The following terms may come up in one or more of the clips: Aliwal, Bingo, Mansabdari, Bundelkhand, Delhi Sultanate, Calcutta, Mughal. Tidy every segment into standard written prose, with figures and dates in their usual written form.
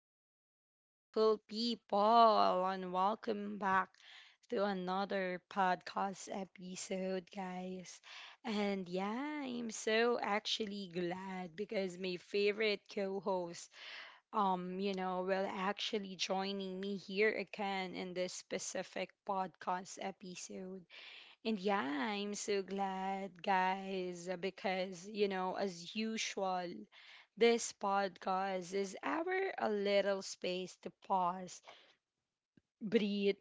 Hello, beautiful people, and welcome back to another podcast episode, guys. And yeah, I'm so actually glad because my favorite co-host, will actually joining me here again in this specific podcast episode. And yeah, I'm so glad, guys, because, you know, as usual, this podcast is our a little space to pause, breathe,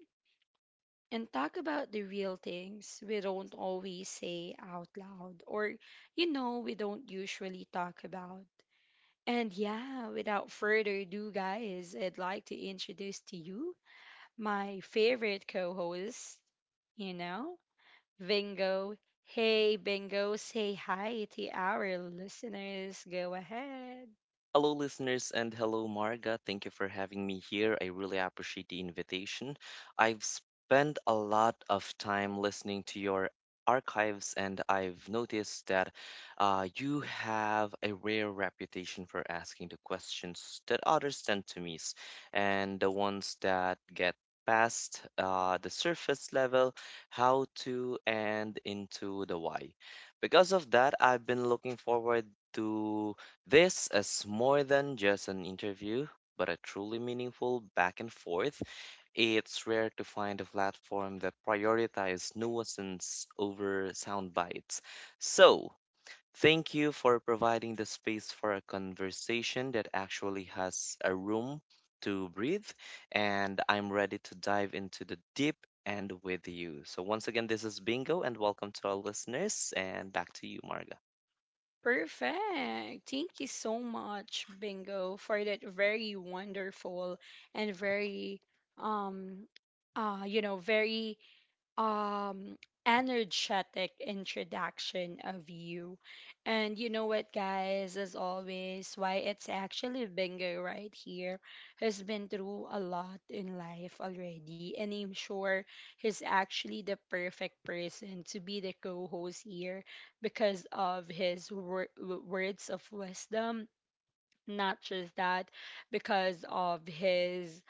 and talk about the real things we don't always say out loud or, you know, we don't usually talk about. And yeah, without further ado, guys, I'd like to introduce to you my favorite co host, you know? Bingo. Hey, Bingo, say hi to our listeners. Go ahead. Hello, listeners, and hello, Marga. Thank you for having me here. I really appreciate the invitation. I've spent a lot of time listening to your archives, and I've noticed that you have a rare reputation for asking the questions that others tend to miss, and the ones that get past the surface level, how to, and into the why. Because of that, I've been looking forward to this is more than just an interview, but a truly meaningful back and forth. It's rare to find a platform that prioritizes nuisance over sound bites. So, thank you for providing the space for a conversation that actually has a room to breathe, and I'm ready to dive into the deep end with you. So, once again, this is Bingo, and welcome to our listeners, and back to you, Marga. Perfect. Thank you so much, Bingo, for that very wonderful and very um very um energetic introduction of you. And you know what, guys, as always, why it's actually Bingo right here has been through a lot in life already. And I'm sure he's actually the perfect person to be the co host here because of his words of wisdom, not just that, because of his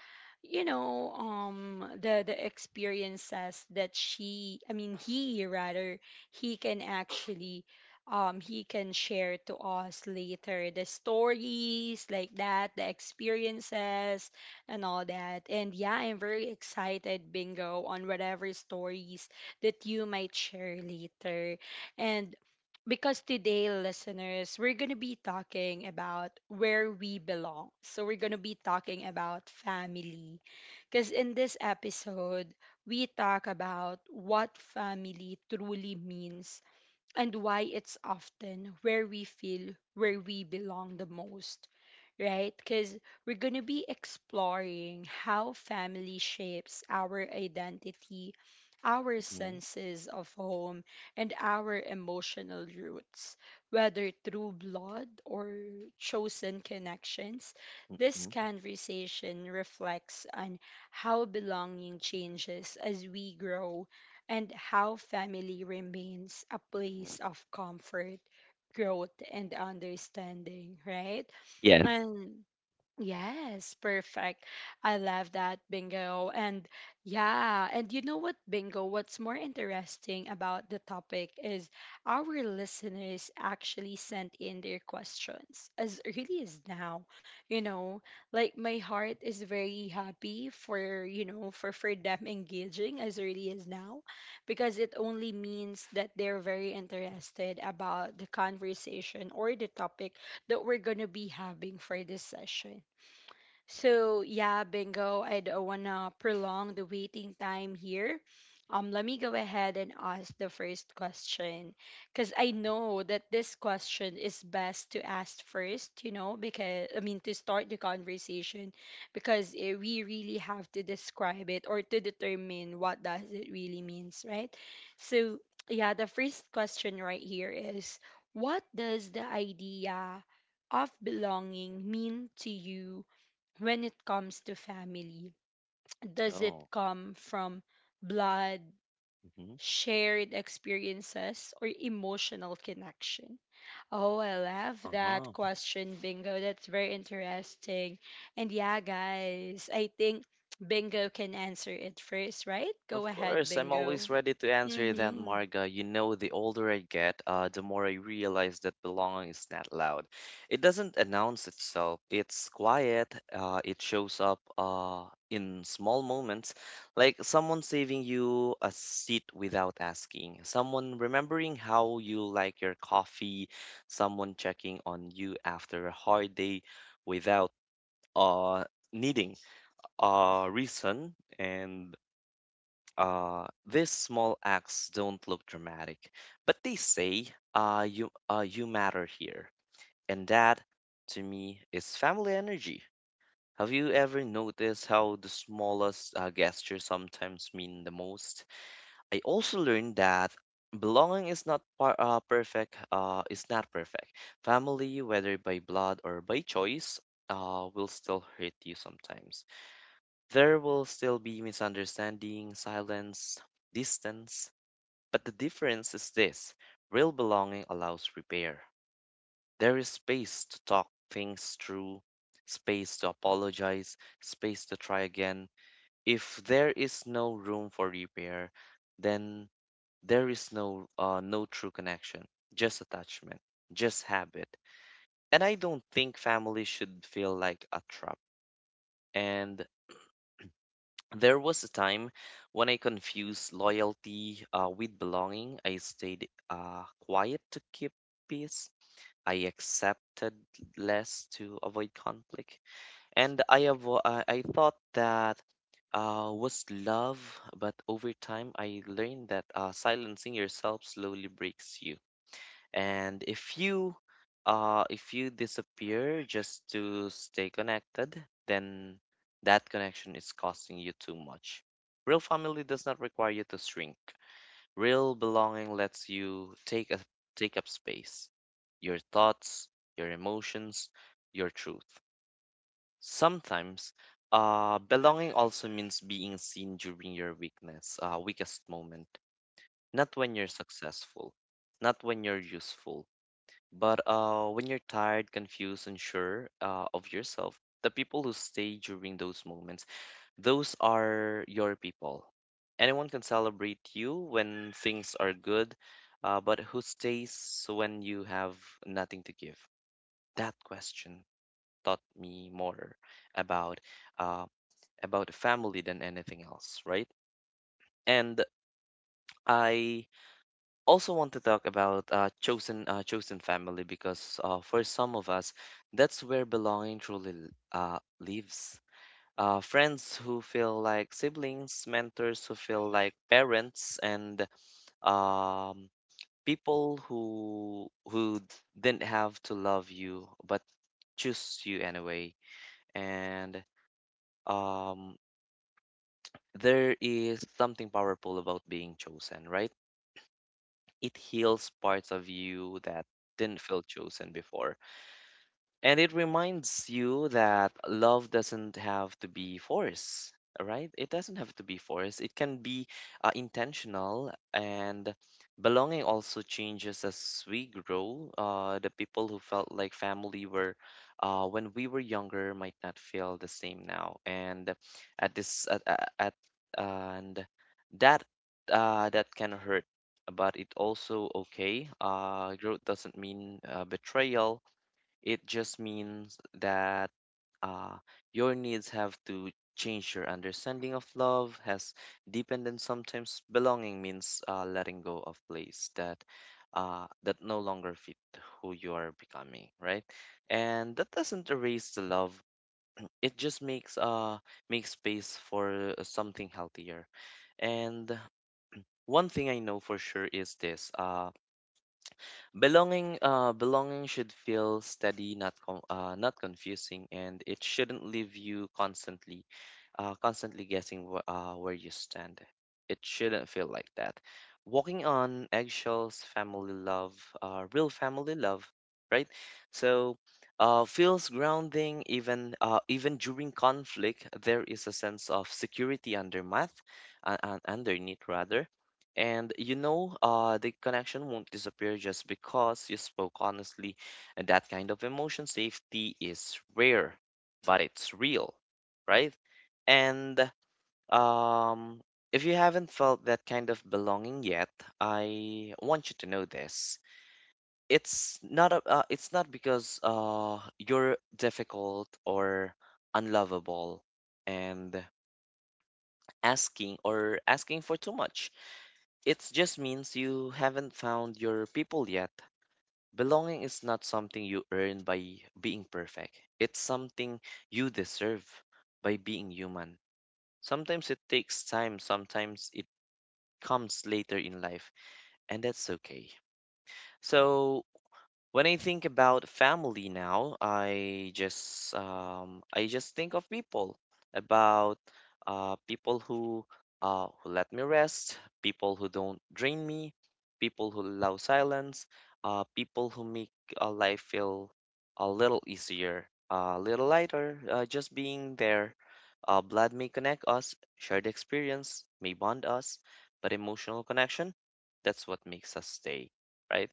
you know the experiences that she I mean he rather he can actually he can share to us later, the stories like that, the experiences and all that. And yeah, I'm very excited, Bingo, on whatever stories that you might share later. And because today, listeners, we're going to be talking about where we belong. So, we're going to be talking about family. Because in this episode, we talk about what family truly means and why it's often where we feel where we belong the most, right? Because we're going to be exploring how family shapes our identity, our Mm-mm. senses of home, and our emotional roots. Whether through blood or chosen connections, this conversation reflects on how belonging changes as we grow and how family remains a place of comfort, growth and understanding, right? Yeah. Yes. And yes, perfect. I love that, Bingo. And yeah, and you know what, Bingo, what's more interesting about the topic is our listeners actually sent in their questions as early as now. You know, like my heart is very happy for, you know, for them engaging as early as now, because it only means that they're very interested about the conversation or the topic that we're going to be having for this session. So yeah, Bingo, I don't wanna prolong the waiting time here. Let me go ahead and ask the first question, because I know that this question is best to ask first. You know, because I mean, to start the conversation, because we really have to describe it or to determine what does it really means, right? So yeah, the first question right here is, what does the idea of belonging mean to you when it comes to family? Does it come from blood, Mhm. shared experiences, or emotional connection? Oh, I love Uh-huh. that question, Bingo. That's very interesting. And yeah, guys, I think Bingo can answer it first, right? Of Go ahead, course, I'm always Bingo. ready to answer that, Mm-hmm. Marga. You know, the older I get, the more I realize that belonging is not loud. It doesn't announce itself. It's quiet. It shows up in small moments, like someone saving you a seat without asking, someone remembering how you like your coffee, someone checking on you after a hard day without uh, needing a reason and These small acts don't look dramatic, but they say, you matter here. And that, to me, is family energy. Have you ever noticed how the smallest gestures sometimes mean the most? I also learned that belonging is not par perfect, is not perfect. Family, whether by blood or by choice, will still hurt you sometimes. There will still be misunderstanding, silence, distance. But the difference is this: real belonging allows repair. There is space to talk things through, space to apologize, space to try again. If there is no room for repair, then there is no true connection, just attachment, just habit. And I don't think family should feel like a trap. And There was a time when I confused loyalty with belonging. I stayed quiet to keep peace. I accepted less to avoid conflict, and I thought that was love, but over time I learned that silencing yourself slowly breaks you. And if you disappear just to stay connected, then that connection is costing you too much. Real family does not require you to shrink. Real belonging lets you take up space, your thoughts, your emotions, your truth. Sometimes, belonging also means being seen during your weakest moment, not when you're successful, not when you're useful, but when you're tired, confused, unsure of yourself. The people who stay during those moments, those are your people. Anyone can celebrate you when things are good, but who stays when you have nothing to give? That question taught me more about uh, family than anything else, right? And I also want to talk about chosen family, because for some of us that's where belonging truly lives. Friends who feel like siblings, mentors who feel like parents, and um, people who didn't have to love you but choose you anyway. And um, there is something powerful about being chosen, right? It heals parts of you that didn't feel chosen before. And it reminds you that love doesn't have to be forced, right? It doesn't have to be forced. It can be intentional. And belonging also changes as we grow. The people who felt like family were, when we were younger, might not feel the same now. And at this, at and that, that can hurt. But it also okay. Growth doesn't mean betrayal, it just means that uh, your needs have to change. Your understanding of love has deepened, and sometimes belonging means letting go of place that that no longer fit who you are becoming, right? And that doesn't erase the love. It just makes space for something healthier. And one thing I know for sure is this. Belonging should feel steady, not confusing, and it shouldn't leave you constantly, constantly guessing where you stand. It shouldn't feel like that. Walking on eggshells, family love, real family love, right? So, feels grounding even even during conflict. There is a sense of security underneath, rather. And you know, the connection won't disappear just because you spoke honestly, and that kind of emotion safety is rare, but it's real, right? And um, if you haven't felt that kind of belonging yet, I want you to know this. It's not because you're difficult or unlovable and asking for too much, it just means you haven't found your people yet. Belonging is not something you earn by being perfect. It's something you deserve by being human. Sometimes it takes time, sometimes it comes later in life, and that's okay. So, when I think about family now, I just think of about people who let me rest, people who don't drain me, people who allow silence, people who make life feel a little easier, a little lighter. Just being there, blood may connect us, shared experience may bond us, but emotional connection, that's what makes us stay, right?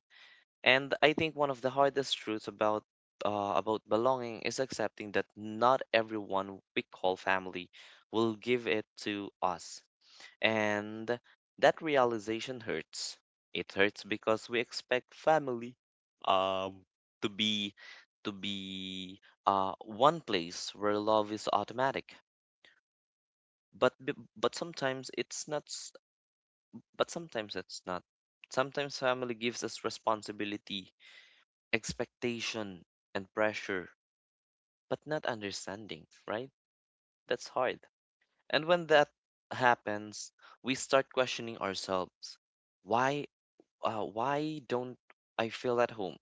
And I think one of the hardest truths about belonging is accepting that not everyone we call family will give it to us. And that realization hurts. It hurts because we expect family um to be to be one place where love is automatic. But sometimes it's not s- but sometimes it's not. Sometimes family gives us responsibility, expectation, and pressure, but not understanding, right? That's hard. And when that happens, we start questioning ourselves. Why why don't I feel at home?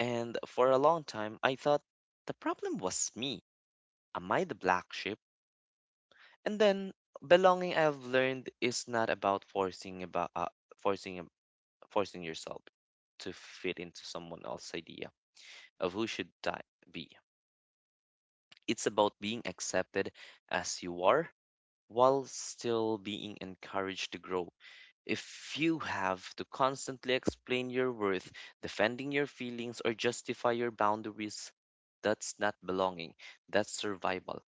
And for a long time, I thought the problem was me. Am I the black sheep? And then belonging, I've learned, is not about forcing forcing yourself to fit into someone else's idea of who should be. It's about being accepted as you are while still being encouraged to grow. If you have to constantly explain your worth, defending your feelings, or justify your boundaries, that's not belonging, that's survival.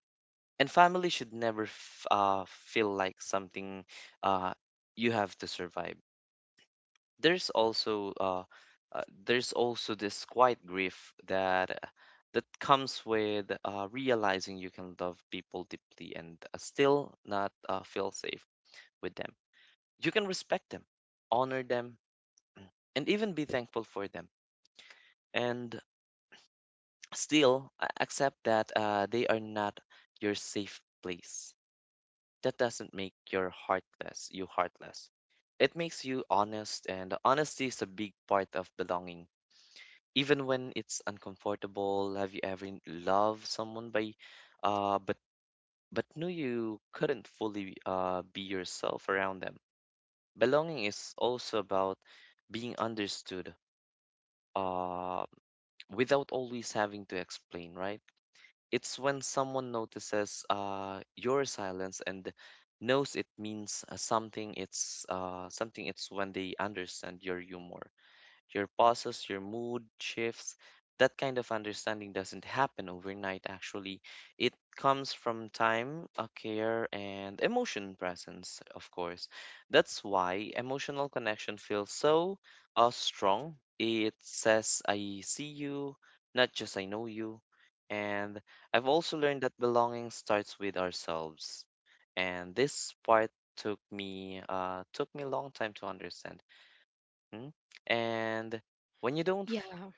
And family should never feel like something uh, you have to survive. There's also there's also this quiet grief that that comes with realizing you can love people deeply and still not feel safe with them. You can respect them, honor them, and even be thankful for them, and still accept that they are not your safe place. That doesn't make your heartless you heartless. It makes you honest, and honesty is a big part of belonging, even when it's uncomfortable. Have you ever loved someone by uh but but knew you couldn't fully be yourself around them? Belonging is also about being understood uh without always having to explain, right? It's when someone notices your silence and knows it means something. It's when they understand your humor, your pauses, your mood shifts. That kind of understanding doesn't happen overnight, actually. It comes from time, a care, and emotion presence, of course. That's why emotional connection feels so strong. It says, I see you, not just I know you. And I've also learned that belonging starts with ourselves. And this part took me a long time to understand. Mhm. And when you don't, f- Yeah,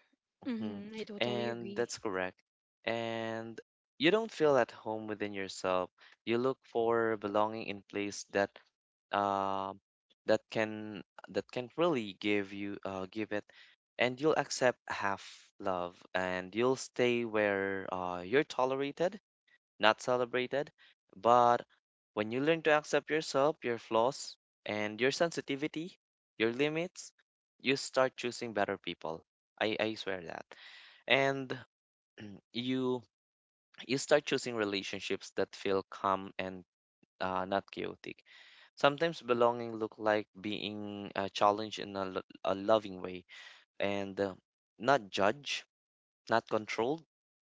Mhm. mm-hmm. I totally And agree. that's correct. And you don't feel at home within yourself. You look for belonging in place that um that can really give you give it, and you'll accept half love, and you'll stay where you're tolerated, not celebrated. But when you learn to accept yourself, your flaws, and your sensitivity, your limits, you start choosing better people. I swear that. And you you start choosing relationships that feel calm and not chaotic. Sometimes belonging look like being challenged in a loving way, and not judged, not controlled,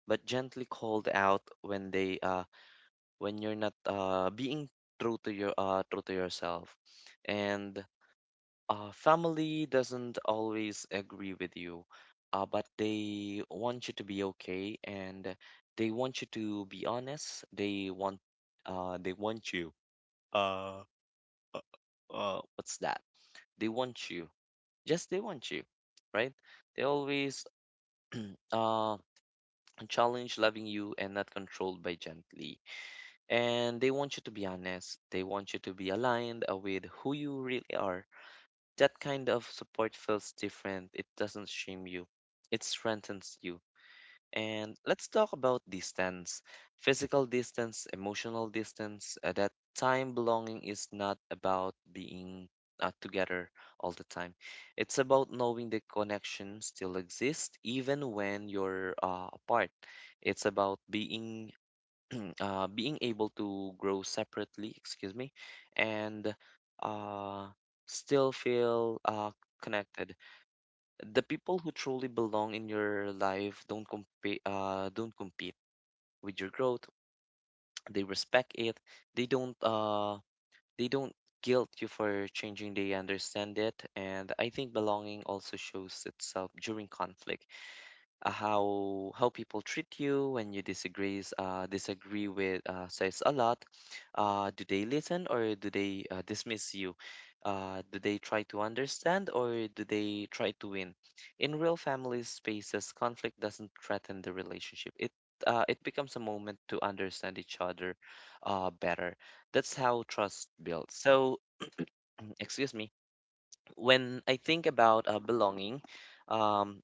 but gently called out when they when you're not being true to your true to yourself. And family doesn't always agree with you, but they want you to be okay, and they want you to be honest. They want they want you uh, uh, what's that they want you just They want you, right? They always uh challenge loving you and not controlled by gently, and they want you to be honest. They want you to be aligned with who you really are. That kind of support feels different. It doesn't shame you, it strengthens you. And let's talk about distance, physical distance, emotional distance. That time belonging is not about being together all the time, it's about knowing the connection still exists even when you're apart. It's about being being able to grow separately, excuse me, and uh, still feel connected. The people who truly belong in your life don't compete. Don't compete with your growth. They respect it. They don't. Uh, they don't guilt you for changing. They understand it, and I think belonging also shows itself during conflict, how people treat you when you disagree with says a lot. Do they listen or do they dismiss you? Do they try to understand or do they try to win? In real family spaces, conflict doesn't threaten the relationship. It becomes a moment to understand each other better. That's how trust builds. So, excuse me. When I think about belonging, um,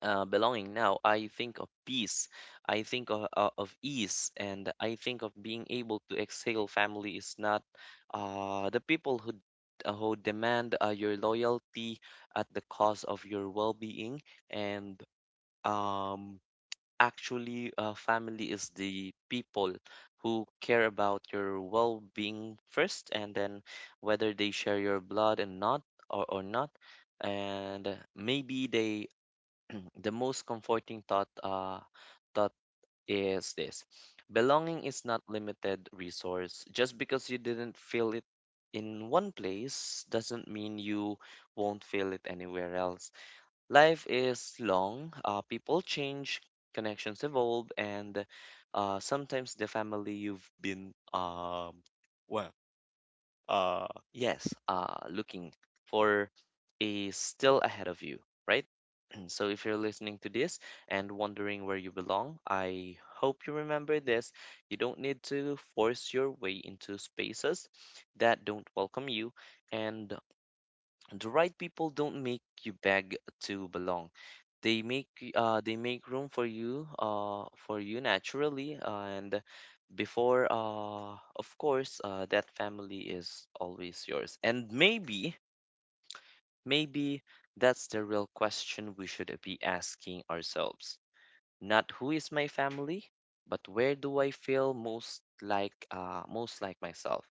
belonging now, I think of peace, I think of ease, and I think of being able to exhale. Family is not the people who demand your loyalty at the cost of your well-being, and um, actually, family is the people who care about your well-being first, and then whether they share your blood and not or not. And maybe they, mm, the most comforting thought is this. Belonging is not limited resource. Just because you didn't feel it in one place doesn't mean you won't feel it anywhere else. Life is long. People change, connections evolve, and sometimes the family you've been, well uh yes looking for is still ahead of you, right? And So, if you're listening to this and wondering where you belong, I hope you remember this. You don't need to force your way into spaces that don't welcome you, and the right people don't make you beg to belong. They make room for you naturally, and before of course that family is always yours. And maybe Maybe that's the real question we should be asking ourselves. Not who is my family, but where do I feel most like myself?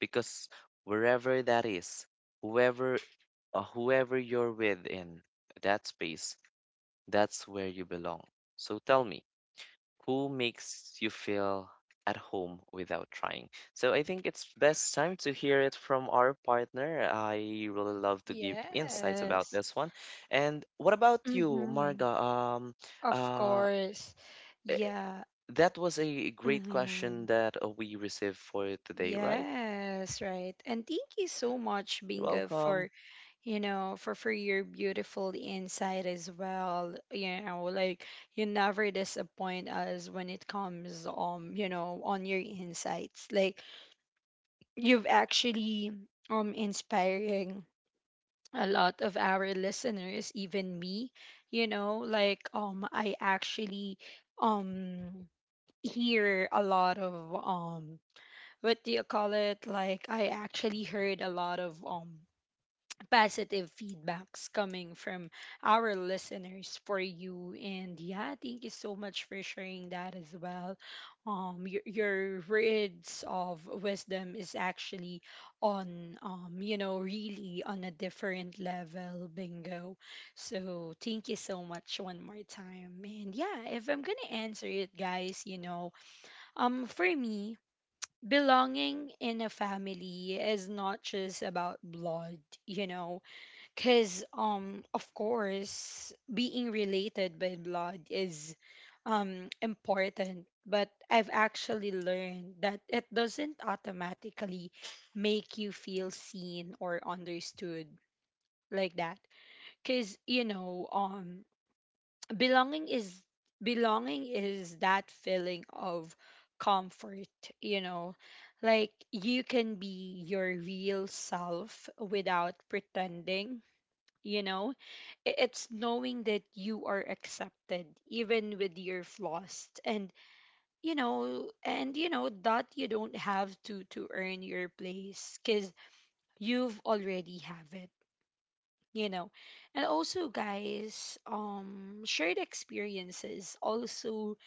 Because wherever that is, whoever you're with in that space, that's where you belong. So tell me, who makes you feel at home without trying? So I think it's best time to hear it from our partner. I really love to give insights about Yes. this one. And what about you, Mm-hmm. Marga? Of uh, course. eh, Yeah. that was a great question Mm-hmm. that we received for today, right? Yes, right. And thank you so much, You're Bingo, welcome. for you know, for your beautiful insight as well. You know, like you never disappoint us when it comes, you know, on your insights. Like you've actually inspiring a lot of our listeners, even me. You know, like I actually um hear a lot of what do you call it like I actually heard a lot of positive feedbacks coming from our listeners for you. And yeah, thank you so much for sharing that as well. Your words of wisdom is actually on, you know, really on a different level, Bingo. So thank you so much one more time. And yeah, if I'm gonna answer it, guys, you know, for me, belonging in a family is not just about blood, you know, because of course, being related by blood is important. But I've actually learned that it doesn't automatically make you feel seen or understood like that. Cause you know, belonging is, belonging is that feeling of comfort, you know, like you can be your real self without pretending, you know. It's knowing that you are accepted even with your flaws, and you know, and you know that you don't have to earn your place, cuz you've already have it, you know. And also, guys, shared experiences also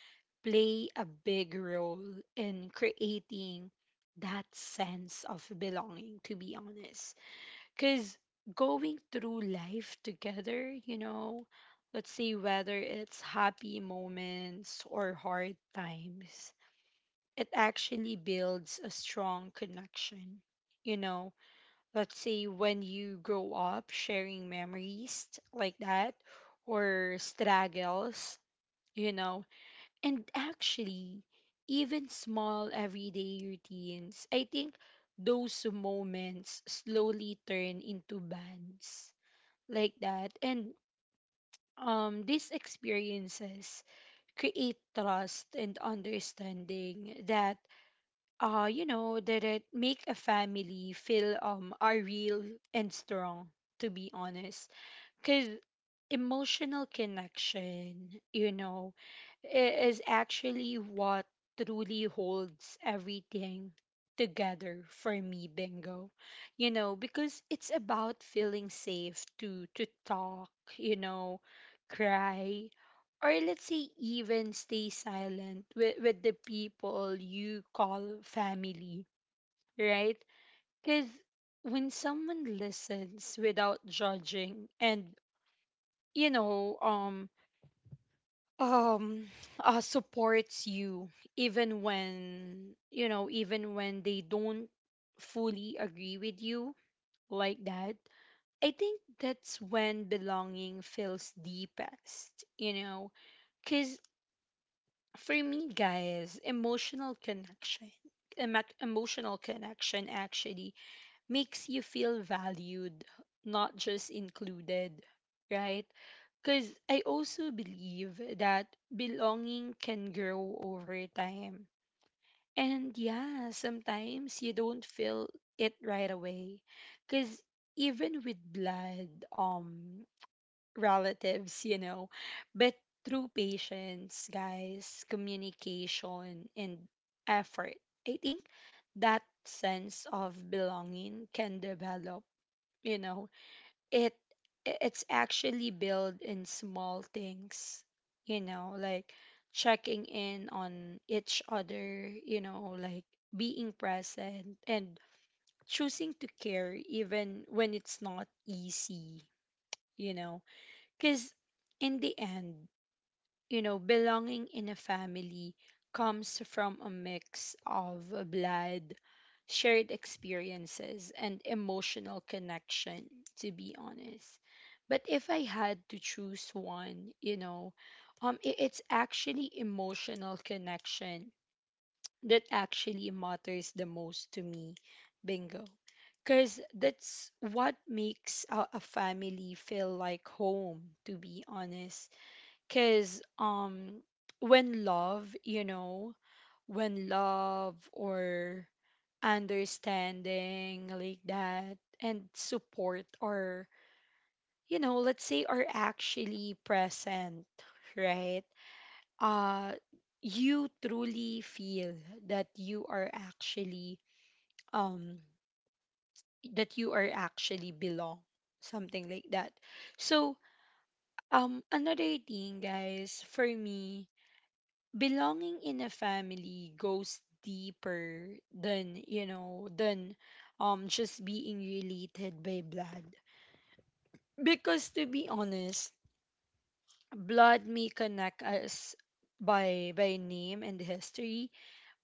play a big role in creating that sense of belonging, to be honest. Because going through life together, you know, let's say whether it's happy moments or hard times, it actually builds a strong connection, you know. Let's say when you grow up sharing memories like that, or struggles, you know. And actually, even small everyday routines, I think those moments slowly turn into bonds like that. And these experiences create trust and understanding that, you know, did it make a family feel are real and strong? To be honest. Because emotional connection, you know, is actually what truly holds everything together for me, Bingo. You know, because it's about feeling safe to talk, you know, cry, or let's say even stay silent with the people you call family, right? Because when someone listens without judging and you know um um supports you even when, you know, even when they don't fully agree with you like that, I think that's when belonging feels deepest, you know. Because for me, guys, emotional connection, emotional connection actually makes you feel valued, not just included, right? Because I also believe that belonging can grow over time. And yeah, sometimes you don't feel it right away. Because even with blood, relatives, you know, but through patience, guys, communication, and effort, I think that sense of belonging can develop, you know. it it's actually built in small things, you know, like checking in on each other, you know, like being present and choosing to care even when it's not easy, you know. Cuz in the end, you know, belonging in a family comes from a mix of blood, shared experiences, and emotional connection, to be honest. But if I had to choose one, you know, it's actually emotional connection that actually matters the most to me, Bingo. Because that's what makes a family feel like home, to be honest. Cause when love, you know, when love or understanding like that and support are, you know, let's say are actually present, right? Uh you truly feel that you are actually um that you are actually belong, something like that. So another thing, guys, for me, belonging in a family goes deeper than, you know, than just being related by blood. Because to be honest, blood may connect us by name and history,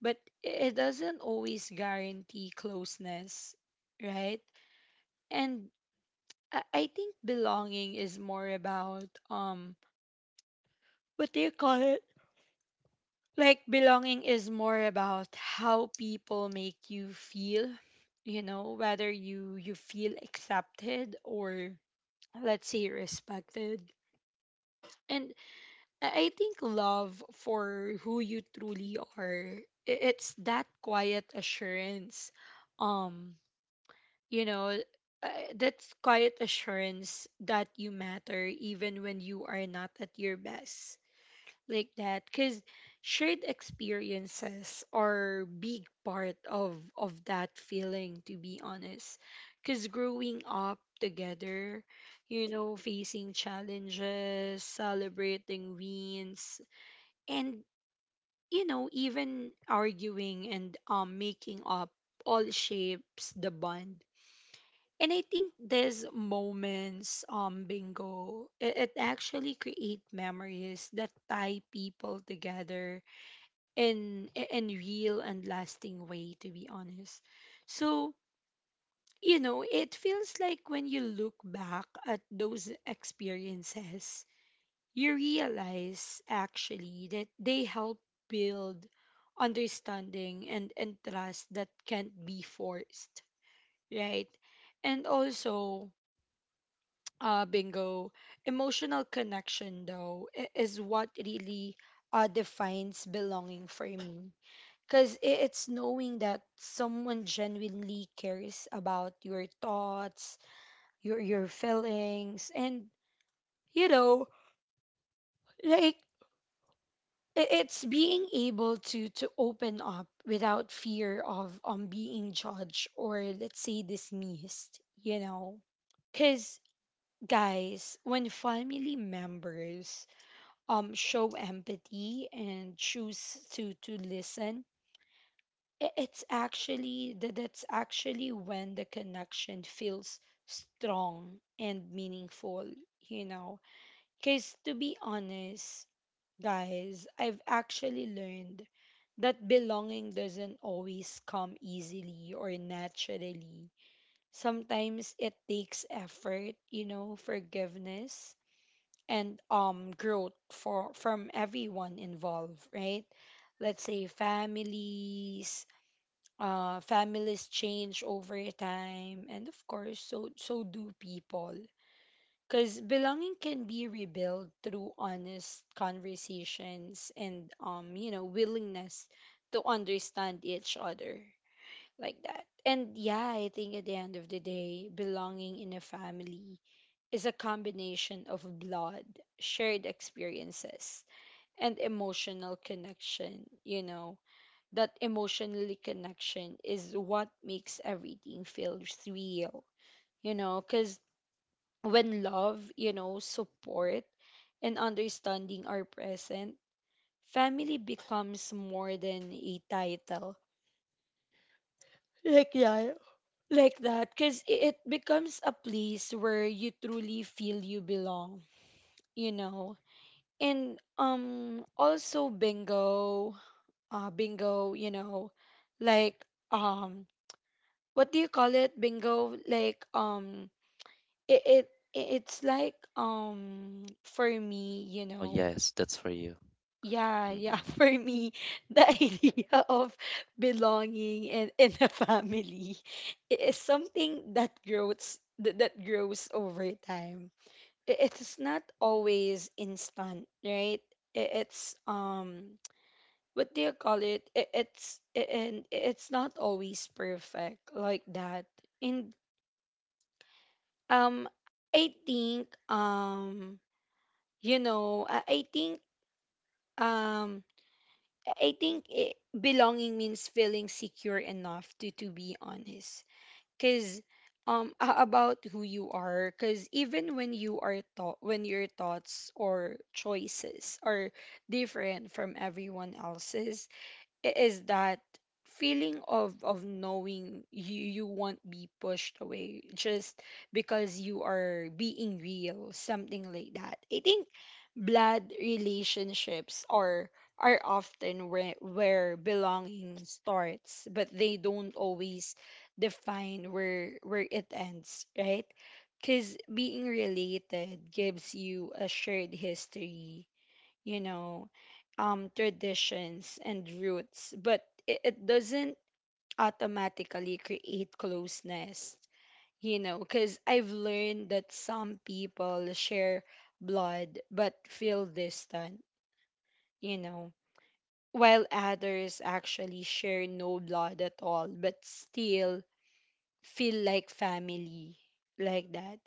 but it doesn't always guarantee closeness, right? And I think belonging is more about, what do you call it like belonging is more about how people make you feel, you know, whether you, you feel accepted or let's say respected. And I think love for who you truly are, it's that quiet assurance, um you know that quiet assurance that you matter even when you are not at your best like that. Because shared experiences are big part of that feeling, to be honest. Because growing up together, you know, facing challenges, celebrating wins, and you know, even arguing and making up, all shapes the bond. And I think these moments, Bingo, it actually create memories that tie people together in real and lasting way, to be honest. So you know, it feels like when you look back at those experiences, you realize actually that they help build understanding and trust that can't be forced, right? And also, Bingo, emotional connection though, is what really defines belonging for me. Because it's knowing that someone genuinely cares about your thoughts, your feelings, and you know, like, it's being able to open up without fear of being judged or let's say dismissed, you know. Cause guys, when family members show empathy and choose to listen, it's actually that, that's actually when the connection feels strong and meaningful, you know. Cause to be honest, guys, I've actually learned that belonging doesn't always come easily or naturally. Sometimes it takes effort, you know, forgiveness and growth for from everyone involved, right? Let's say families, families change over time, and of course, so do people. Because belonging can be rebuilt through honest conversations and, you know, willingness to understand each other like that. And yeah, I think at the end of the day, belonging in a family is a combination of blood, shared experiences, and emotional connection. You know that emotionally connection is what makes everything feel real, you know, because when love, you know, support and understanding are present, family becomes more than a title, like that. Like that because it becomes a place where you truly feel you belong, you know. And also bingo, bingo, you know, like, um what do you call it, bingo? Like, it, it it's like, for me, you Oh know? yes, that's for you. Yeah, yeah, Mm-mm. for me, the idea of belonging and in a family is something that grows, that grows over time. It's not always instant, right? It's what do you call it? And it's not always perfect, like that. And Um, I think I think, um, I think belonging means feeling secure enough to be honest. Cause about who you are. Cause even when your thoughts or choices are different from everyone else's, is that feeling of knowing you won't be pushed away just because you are being real, something like that. I think blood relationships are often where belonging starts, but they don't always define where it ends, right? Because being related gives you a shared history, you know, traditions and roots, but it doesn't automatically create closeness, you know, because I've learned that some people share blood but feel distant, you know, while others actually share no blood at all but still feel like family, like that.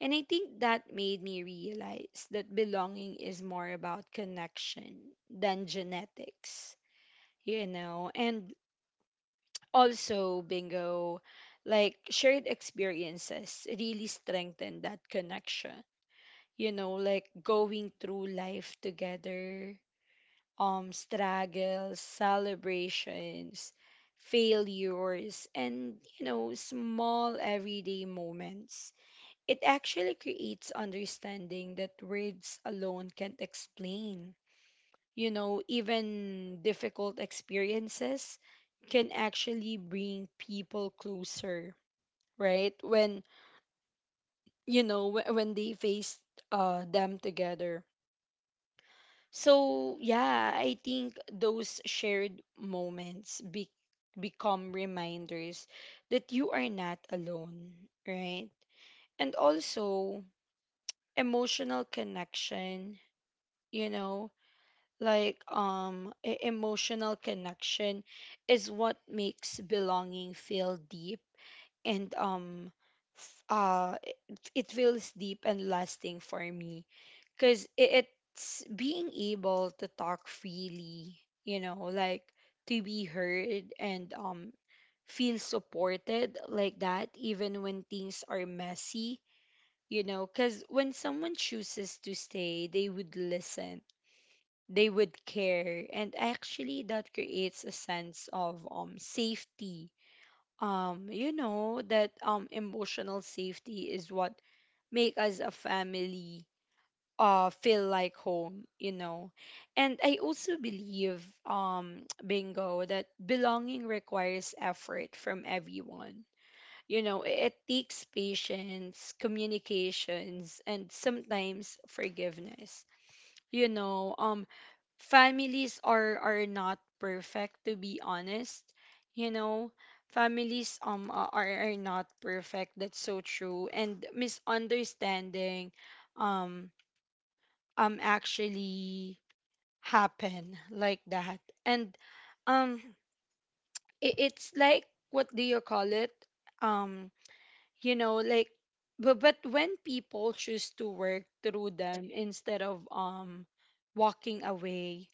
And I think that made me realize that belonging is more about connection than genetics, you know? And also, bingo, like shared experiences really strengthen that connection. You know, like going through life together, struggles, celebrations, failures, and you know, small everyday moments, it actually creates understanding that words alone can't explain. You know, even difficult experiences can actually bring people closer, right? When, you know, when they face them together. So, yeah, I think those shared moments become reminders that you are not alone, right? And also, emotional connection, you know, like, emotional connection is what makes belonging feel deep and f- uh it feels deep and lasting for me, because it's being able to talk freely, you know, like to be heard and feel supported, like that, even when things are messy, you know, because when someone chooses to stay, they would listen, they would care, and actually that creates a sense of safety. You know that emotional safety is what make us a family feel like home, you know. And I also believe bingo that belonging requires effort from everyone, you know. It takes patience, communications, and sometimes forgiveness, you know. Families are not perfect, to be honest, you know. Families are not perfect, that's so true, and misunderstanding um actually happen, like that, and um it's like, what do you call it, um you know, like, but when people choose to work through them instead of walking away,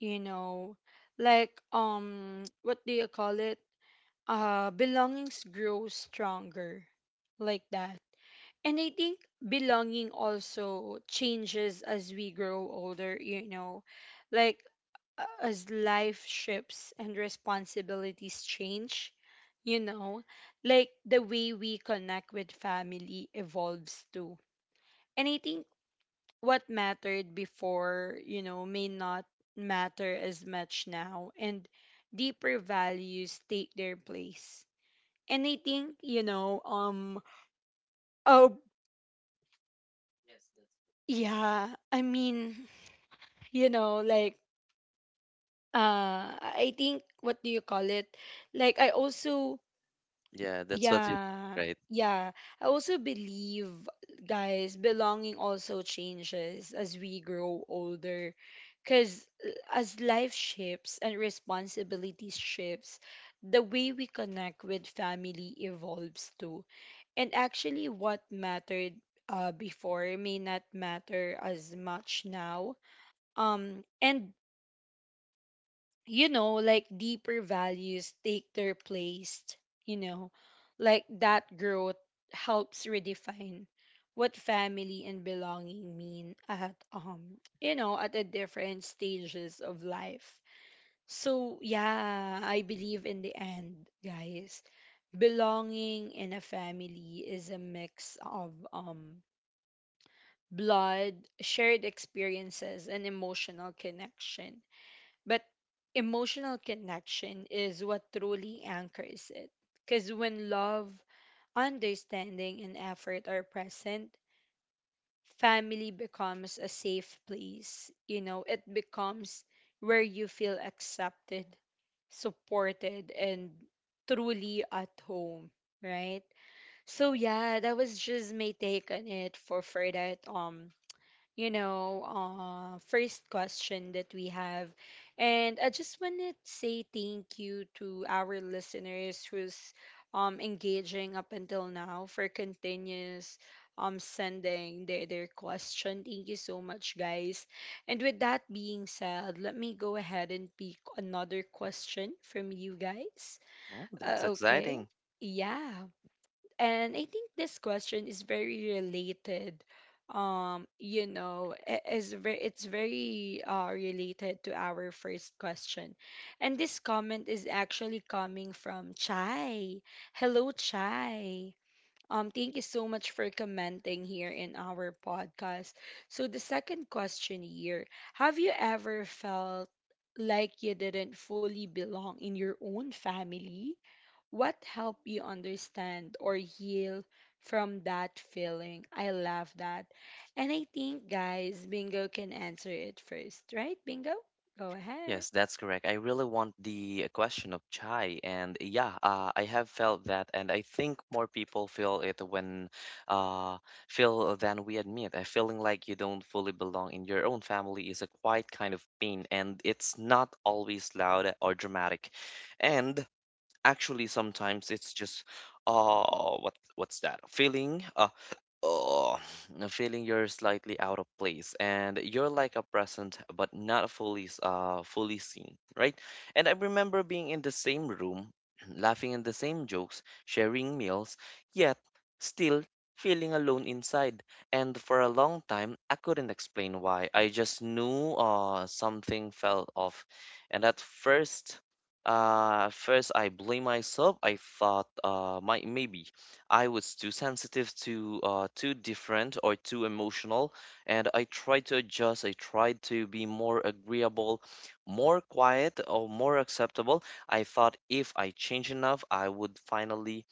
you know, like, what do you call it, belongings grow stronger, like that. And I think belonging also changes as we grow older, you know, like as life shifts and responsibilities change, you know, like the way we connect with family evolves too. And I think what mattered before, you know, may not matter as much now, and deeper values take their place. And I think, you know, oh, yeah, I mean, you know, like, I think, what do you call it? Like, I also— Yeah, that's what you Yeah, right. yeah. I also believe, guys, belonging also changes as we grow older. Because as life shifts and responsibilities shifts, the way we connect with family evolves too. And actually, what mattered before may not matter as much now. And you know, like deeper values take their place, you know, like that growth helps redefine what family and belonging mean at, you know, at the different stages of life. So yeah, I believe in the end, guys, belonging in a family is a mix of blood, shared experiences, and emotional connection, but emotional connection is what truly anchors it. Because when love, understanding, and effort are present, family becomes a safe place. You know, it becomes where you feel accepted, supported, and truly at home, right? So yeah, that was just my take on it for that, you know, first question that we have. And I just want to say thank you to our listeners who's engaging up until now, for continuous sending their question. Thank you so much, guys. And with that being said, let me go ahead and pick another question from you guys. Oh, that's Okay. exciting. Yeah. And I think this question is very related. You know, I- is very it's very related to our first question. And this comment is actually coming from Chai. Hello, Chai. Thank you so much for commenting here in our podcast. So the second question here, have you ever felt like you didn't fully belong in your own family? What helped you understand or heal from that feeling? I love that. And I think, guys, Bingo can answer it first, right? Bingo, go ahead. Yes, that's correct. I really want the question of Chai, and yeah, I have felt that, and I think more people feel it when uh, feel than we admit. A feeling like you don't fully belong in your own family is a quiet kind of pain, and it's not always loud or dramatic. And actually, sometimes it's just what what's that feeling? Oh, no, feeling you're slightly out of place and you're like a present but not fully seen, right? And I remember being in the same room, laughing at the same jokes, sharing meals, yet still feeling alone inside. And for a long time, I couldn't explain why. I just knew something felt off. And at first, first I blame myself. I thought my maybe. I was too sensitive, too different, or too emotional, and I tried to adjust. I tried to be more agreeable, more quiet, or more acceptable. I thought if I change enough, I would finally,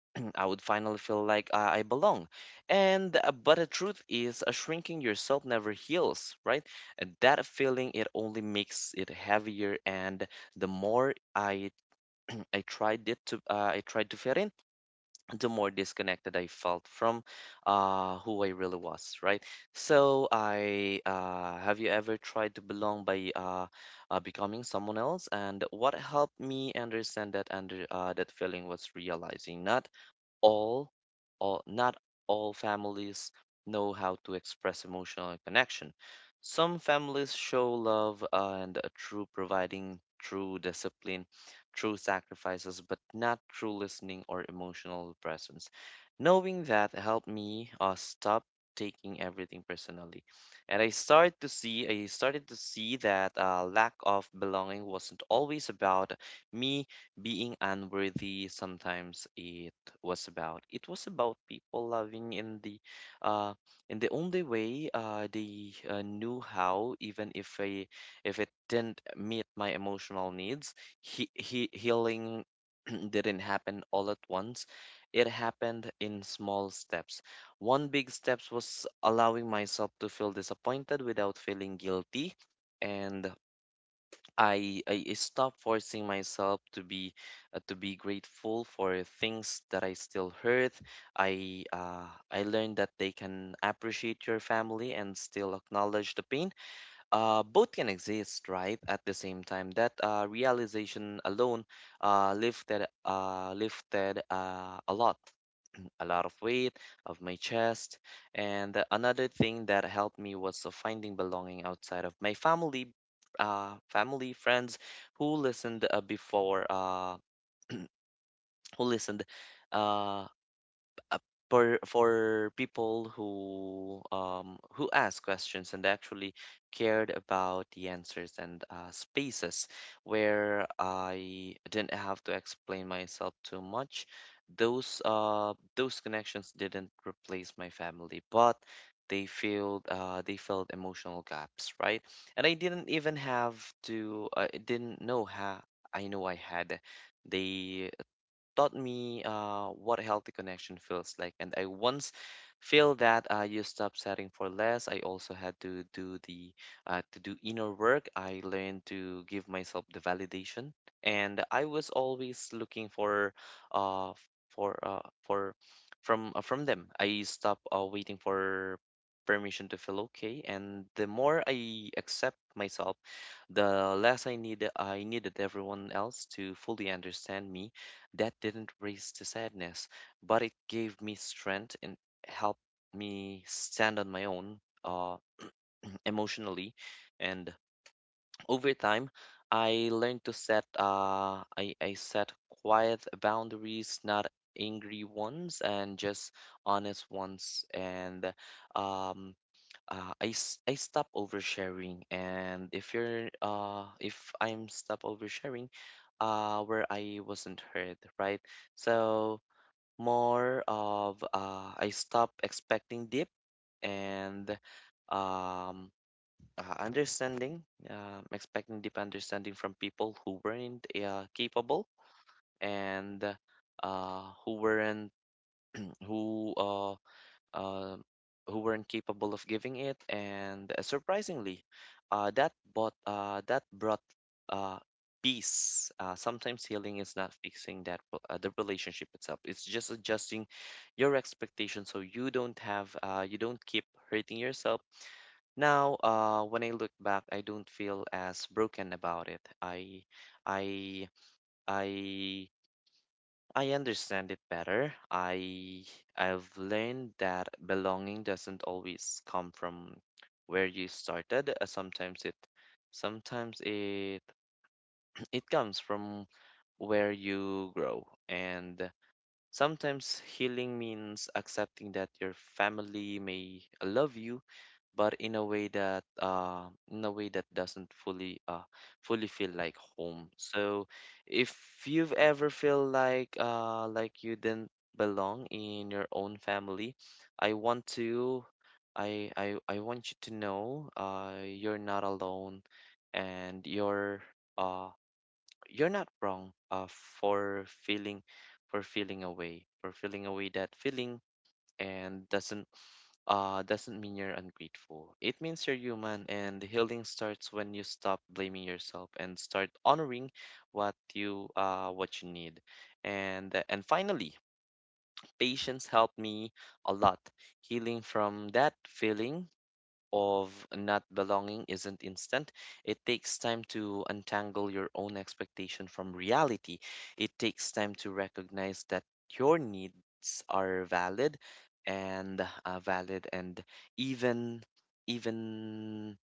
I would finally feel like I belong. And but the truth is, shrinking yourself never heals, right? And that feeling it only makes it heavier. And the more I tried it to, I tried to fit in, the more disconnected I felt from who I really was, right? So I have you ever tried to belong by becoming someone else? And what helped me understand that feeling was realizing all, not all families know how to express emotional connection. Some families show love and a true providing, true discipline, true sacrifices, but not true listening or emotional presence. Knowing that helped me stop taking everything personally, and I started to see that lack of belonging wasn't always about me being unworthy. Sometimes it was about. It was about people loving in the uh, only way they knew how, even if if it didn't meet my emotional needs. He Healing didn't happen all at once. It happened in small steps. One big steps was allowing myself to feel disappointed without feeling guilty. And I stopped forcing myself to be to be grateful for things that I still heard. I uh, I learned that they can appreciate your family and still acknowledge the pain, both can exist right at the same time. That realization alone lifted a lot a lot of weight of my chest. And another thing that helped me was finding belonging outside of my family, family friends who listened uh, before uh, who listened, uh, uh, for people who ask questions and actually cared about the answers, and spaces where I didn't have to explain myself too much. Those connections didn't replace my family, but they filled emotional gaps, right? And I didn't even have to. I didn't know how. I know I had. They taught me what a healthy connection feels like. And I once feel that I used up setting for less. I also had to do the to do inner work. I learned to give myself the validation, and I was always looking uh for from them. I stopped waiting for permission to feel okay, and the more I accept myself, the less I needed everyone else to fully understand me. That didn't raise the sadness, but it gave me strength and helped me stand on my own emotionally. And over time, I learned to set I set quiet boundaries, not angry ones, and just honest ones. And um, I stop oversharing. And if you're if I'm stop oversharing, where I wasn't heard, right? So more of I stop expecting deep and um, uh, understanding, expecting deep understanding from people who weren't capable and uh, who weren't who uh, uh, who weren't capable of giving it, and surprisingly, that brought uh, peace. Sometimes healing is not fixing that the relationship itself; it's just adjusting your expectations so you don't have, you don't keep hurting yourself. Now, when I look back, I don't feel as broken about it. I I I understand it better. I I've learned that belonging doesn't always come from where you started. Sometimes it it comes from where you grow. And sometimes healing means accepting that your family may love you, but in a way that doesn't fully fully feel like home. So if you've ever feel like you didn't belong in your own family, I want to I want you to know you're not alone, and uh, you're not wrong for feeling, for feeling away that feeling, and doesn't mean you're ungrateful. It means you're human, and healing starts when you stop blaming yourself and start honoring what you need. And finally, patience helped me a lot. Healing from that feeling of not belonging isn't instant. It takes time to untangle your own expectation from reality. It takes time to recognize that your needs are valid and even even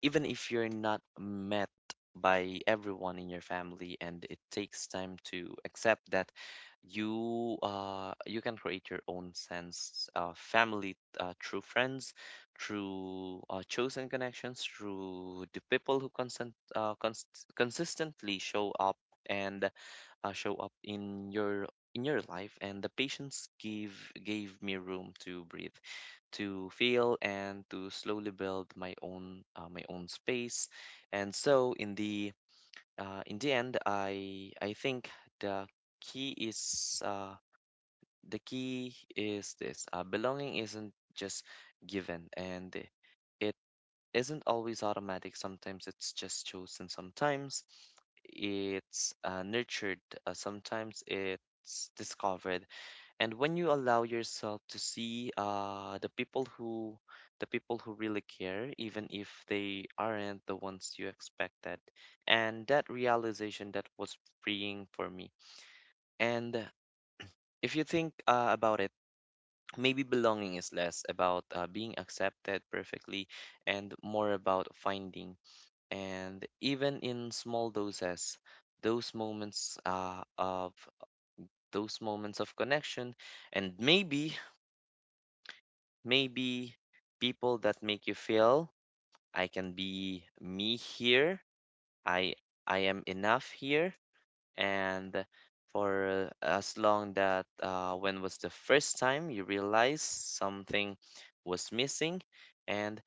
even if you're not met by everyone in your family. And it takes time to accept that you can create your own sense of family through friends, through chosen connections, through the people who consistently show up and show up in your life. And the patience give gave me room to breathe, to fail, and to slowly build my own space. And so in the end, I think the key is uh, the key is this belonging isn't just given, and it isn't always automatic. Sometimes it's just chosen. Sometimes it's nurtured. Sometimes it's discovered. And when you allow yourself to see the people who really care, even if they aren't the ones you expected, and that realization, that was freeing for me. And if you think about it, maybe belonging is less about being accepted perfectly and more about finding, and even in small doses, those moments uh, of those moments of connection, and maybe people that make you feel I can be me here. I I am enough here. And for as long that when was the first time you realized something was missing, and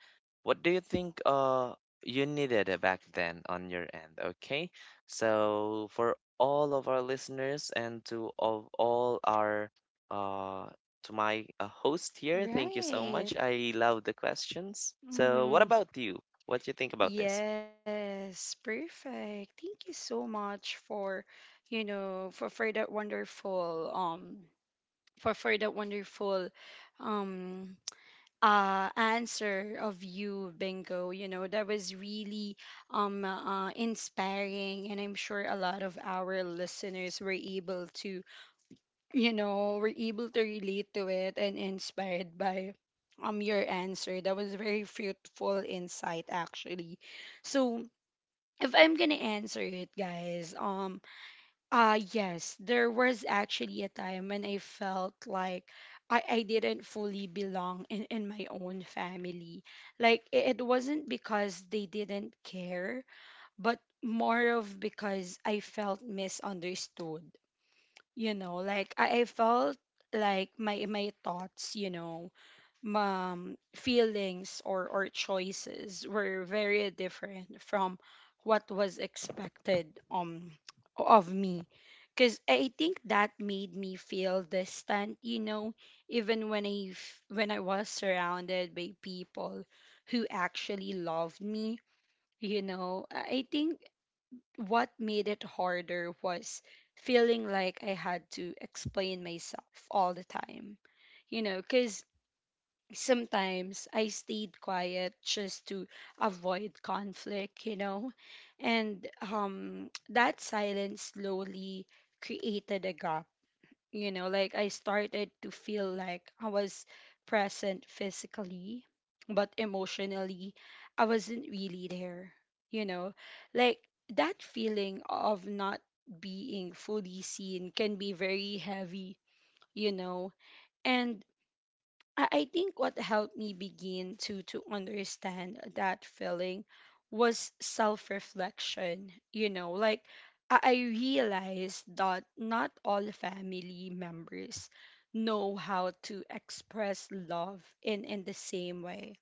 what do you think you needed back then on your end? Okay, so for all of our listeners, and to of all our, uh to my host here, thank you so much, Right. I love the questions. So what Hmm. about you, what do you think about this? Yes, perfect. Thank you so much for, you know, for that wonderful for that wonderful, um answer of you, Bingo. You know, that was really inspiring, and I'm sure a lot of our listeners were able to, you know, were able to relate to it and inspired by your answer. That was very fruitful insight, actually. So, if I'm gonna answer it, guys, yes, there was actually a time when I felt like I didn't fully belong in my own family. Like, it wasn't because they didn't care, but more of because I felt misunderstood. You know, like I felt like my thoughts, you know, feelings or choices were very different from what was expected, of me. Because I think that made me feel distant, you know, even when when I was surrounded by people who actually loved me, you know. I think what made it harder was feeling like I had to explain myself all the time, you know, because sometimes I stayed quiet just to avoid conflict, you know? And that silence slowly created a gap, you know, like I started to feel like I was present physically, but emotionally I wasn't really there, you know? Like that feeling of not being fully seen can be very heavy, you know? And I think what helped me begin to understand that feeling was self-reflection. You know, like I realized that not all family members know how to express love in the same way.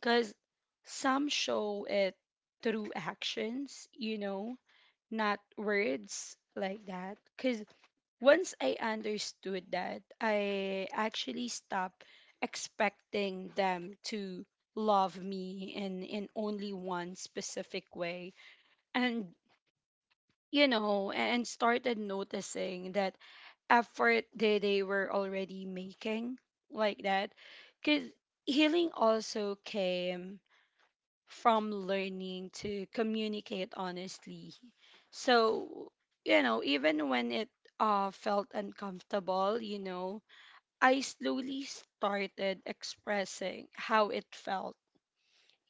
Cause some show it through actions, you know, not words, like that. Cause once I understood that, I actually stopped expecting them to love me in only one specific way, and you know, and started noticing that effort that they were already making, like that, because healing also came from learning to communicate honestly. So, you know, even when it felt uncomfortable, you know, I slowly started expressing how it felt,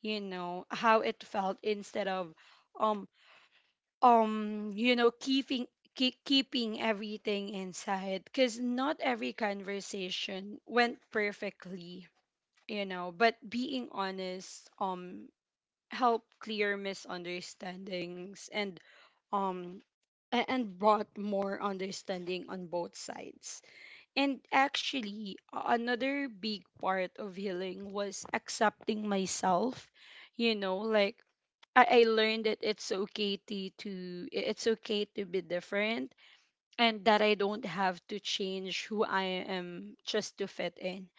you know, how it felt instead of um you know, keeping keeping everything inside, cuz not every conversation went perfectly, you know, but being honest help clear misunderstandings and um and brought more understanding on both sides. And actually, another big part of healing was accepting myself. You know, like I learned that it's okay to, it's okay to be different, and that I don't have to change who I am just to fit in,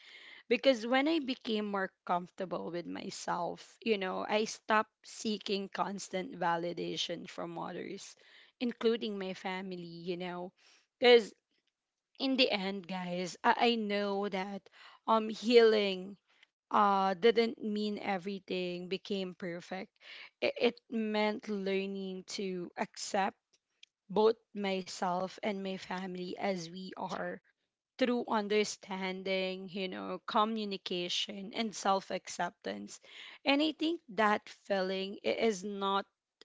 because when I became more comfortable with myself, you know, I stopped seeking constant validation from others, including my family, you know. Because in the end, guys, I know that healing didn't mean everything became perfect. It meant learning to accept both myself and my family as we are through understanding, you know, communication and self acceptance. And I think that feeling is not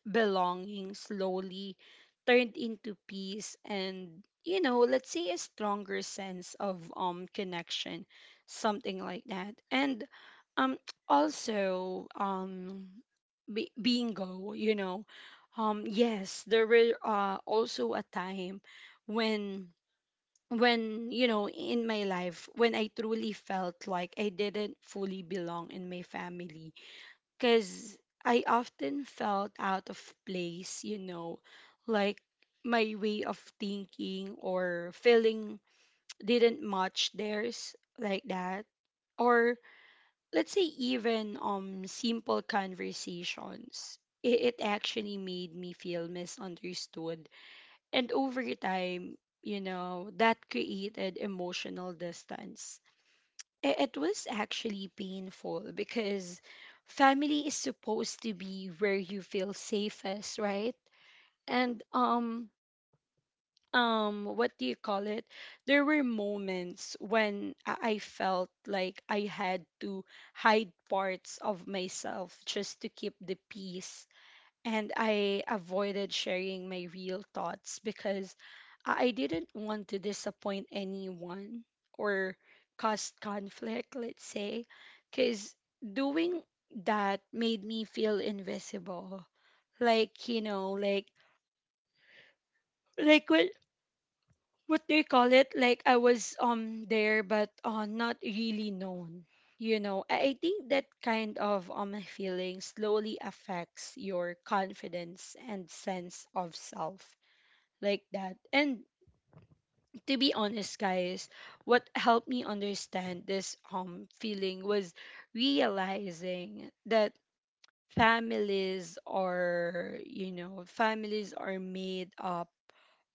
belonging slowly turned into peace and, you know, let's say a stronger sense of connection, something like that. And um also, bingo, you know, yes, there were, also a time when, you know, in my life when I truly felt like I didn't fully belong in my family, because I often felt out of place, you know, like my way of thinking or feeling didn't match theirs, like that, or let's say even simple conversations, it actually made me feel misunderstood, and over time, you know, that created emotional distance. It was actually painful because family is supposed to be where you feel safest, right? And what do you call it? There were moments when I felt like I had to hide parts of myself just to keep the peace, and I avoided sharing my real thoughts because I didn't want to disappoint anyone or cause conflict, let's say, because doing that made me feel invisible. Like, you know, like what they call it? Like I was there, but not really known. You know, I think that kind of feeling slowly affects your confidence and sense of self like that. And to be honest, guys, what helped me understand this feeling was realizing that families are, you know, families are made up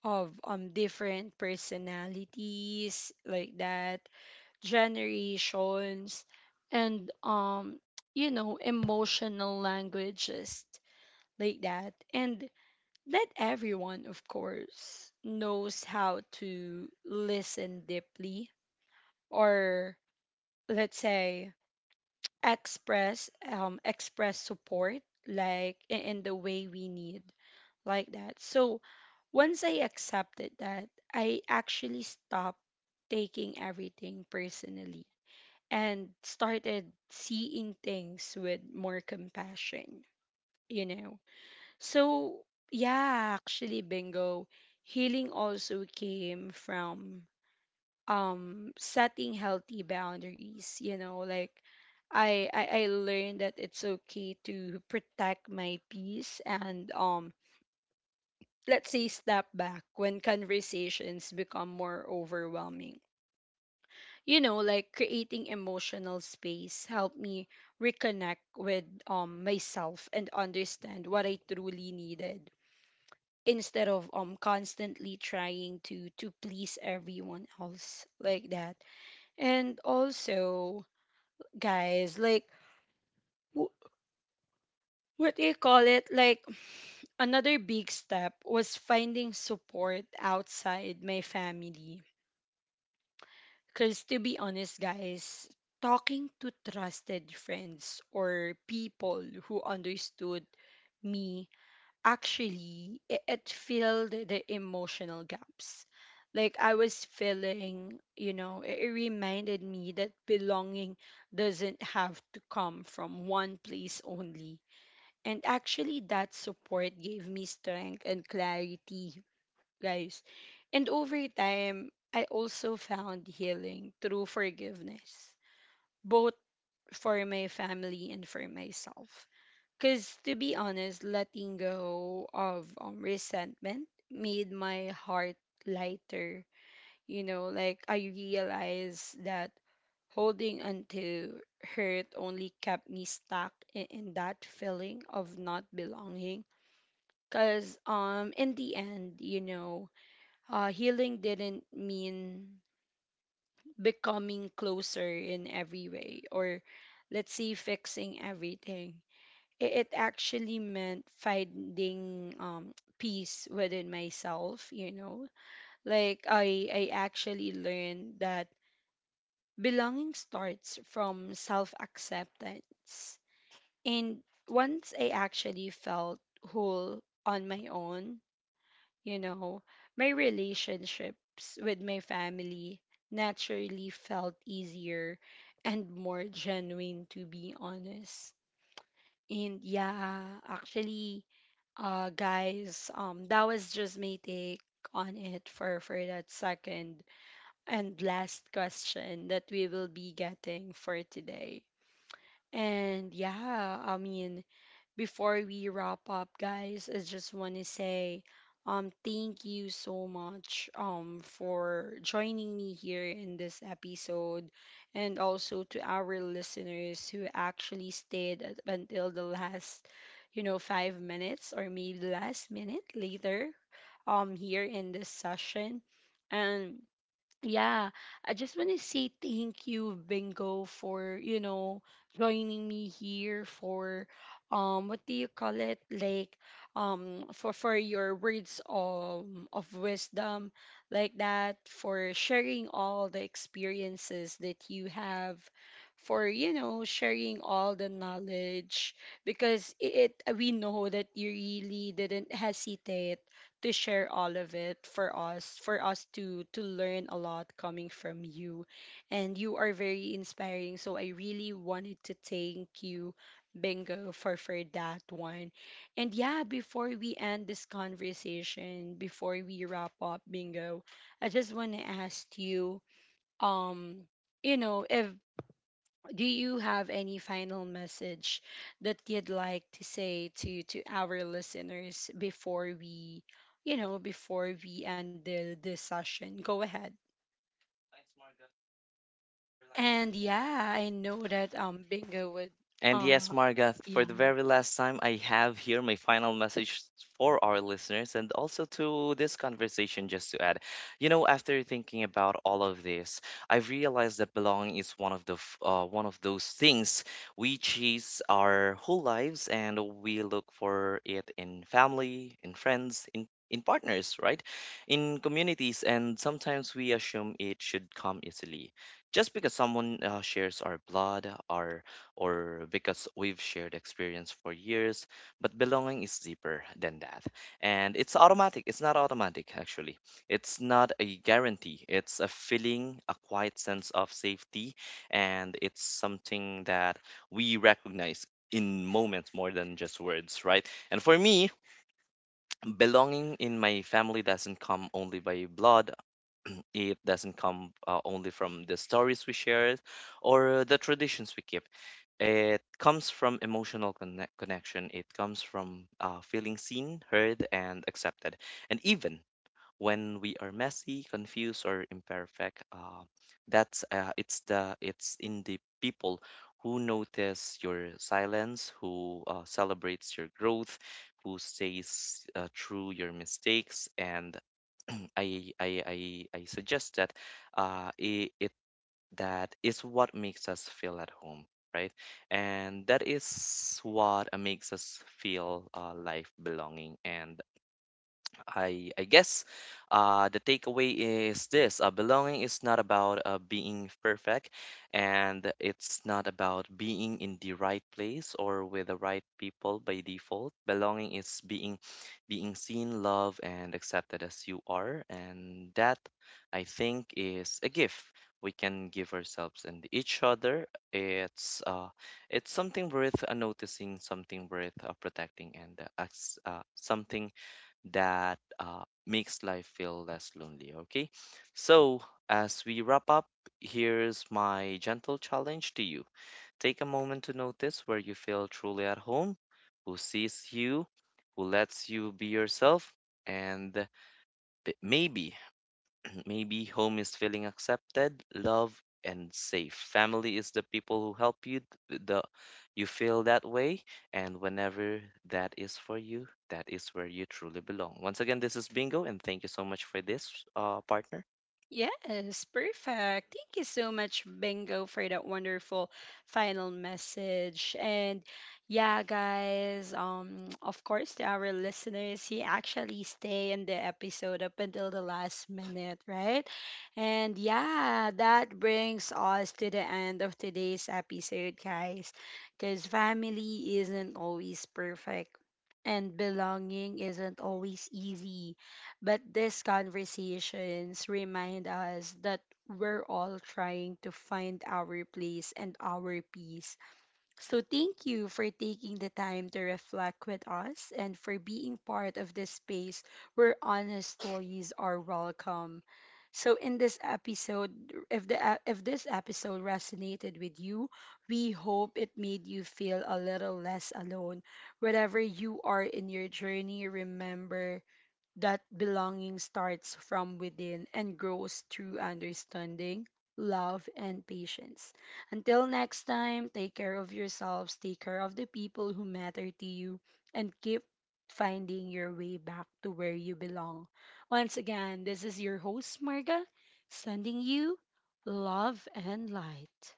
of different personalities like that, generations, and you know, emotional languages like that. And not everyone, of course, knows how to listen deeply, or let's say express support like in the way we need like that. So once I accepted that, I actually stopped taking everything personally and started seeing things with more compassion, you know. So, yeah, actually, bingo. Healing also came from setting healthy boundaries, you know, like I learned that it's okay to protect my peace, and let's say step back when conversations become more overwhelming. You know, like creating emotional space helped me reconnect with myself and understand what I truly needed instead of constantly trying to please everyone else like that. And also, guys, like wh- what do you call it like another big step was finding support outside my family, because to be honest, guys, talking to trusted friends or people who understood me actually it filled the emotional gaps like I was feeling. You know, it reminded me that belonging doesn't have to come from one place only. And actually that support gave me strength and clarity, guys. And over time, I also found healing through forgiveness, both for my family and for myself, because to be honest, letting go of resentment made my heart lighter. You know, like I realized that holding onto hurt only kept me stuck in that feeling of not belonging. Because in the end, you know, healing didn't mean becoming closer in every way or let's say fixing everything. It actually meant finding peace within myself, you know, like I actually learned that belonging starts from self acceptance. And once I actually felt whole on my own, you know, my relationships with my family naturally felt easier and more genuine, to be honest. And yeah, actually, guys, that was just my take on it for that second and last question that we will be getting for today. And yeah, I mean, before we wrap up, guys, I just want to say thank you so much for joining me here in this episode, and also to our listeners who actually until the last you know 5 minutes or maybe the last minute later here in this session. And yeah, I just want to say thank you, Bingo, for you know joining me here for what do you call it like for your words of wisdom like that, for sharing all the experiences that you have, for you know sharing all the knowledge, because it we know that you really didn't hesitate to share all of it for us to learn a lot coming from you. And you are very inspiring. So I really wanted to thank you, Bingo, for that one. And yeah, before we end this conversation, before we wrap up, Bingo, I just want to ask you, um, you know, if do you have any final message that you'd like to say to our listeners before we you know before we end the session. Go ahead. And yeah, I know that bingo would And uh yes, Margath, for the yeah. very last time, I have here my final message for our listeners and also to this conversation, just to add. You know, after thinking about all of this, I've realized that belonging is one of the one of those things we chase our whole lives, and we look for it in family, in friends, in partners, right? In communities, and sometimes we assume it should come easily. Just because someone shares our blood, our, or because we've shared experience for years. But belonging is deeper than that. And it's automatic, it's not automatic actually. It's not a guarantee, it's a feeling, a quiet sense of safety, and it's something that we recognize in moments more than just words, right? And for me, belonging in my family doesn't come only by blood, it doesn't come only from the stories we share or the traditions we keep. It comes from emotional connection. It comes from feeling seen, heard, and accepted. And even when we are messy, confused, or imperfect, that's it's the, it's in the people who notice your silence, who celebrates your growth, who stays through your mistakes, and I suggest that it, it that is what makes us feel at home, right? And that is what makes us feel life belonging. And I guess the takeaway is this: belonging is not about being perfect, and it's not about being in the right place or with the right people by default. Belonging is being seen, loved, and accepted as you are, and that, I think, is a gift we can give ourselves and each other. It's uh, it's something worth noticing, something worth protecting, and something that makes life feel less lonely. Okay, so as we wrap up, here's my gentle challenge to you: take a moment to notice where you feel truly at home, who sees you, who lets you be yourself, and maybe maybe home is feeling accepted, loved, and safe. Family is the people who help you th- the you feel that way, and whenever that is for you, that is where you truly belong. Once again, this is Bingo, and thank you so much for this, partner. Yes, perfect. Thank you so much, Bingo, for that wonderful final message. And yeah, guys, of course, to our listeners, he actually stay in the episode up until the last minute, right? And yeah, that brings us to the end of today's episode, guys, because family isn't always perfect, and belonging isn't always easy. But these conversations remind us that we're all trying to find our place and our peace. So, thank you for taking the time to reflect with us and for being part of this space where honest stories are welcome. So in this episode, if the ep- if this episode resonated with you, we hope it made you feel a little less alone. Wherever you are in your journey, remember that belonging starts from within and grows through understanding, love, and patience. Until next time, take care of yourselves, take care of the people who matter to you, and keep finding your way back to where you belong. Once again, this is your host, Marga, sending you love and light.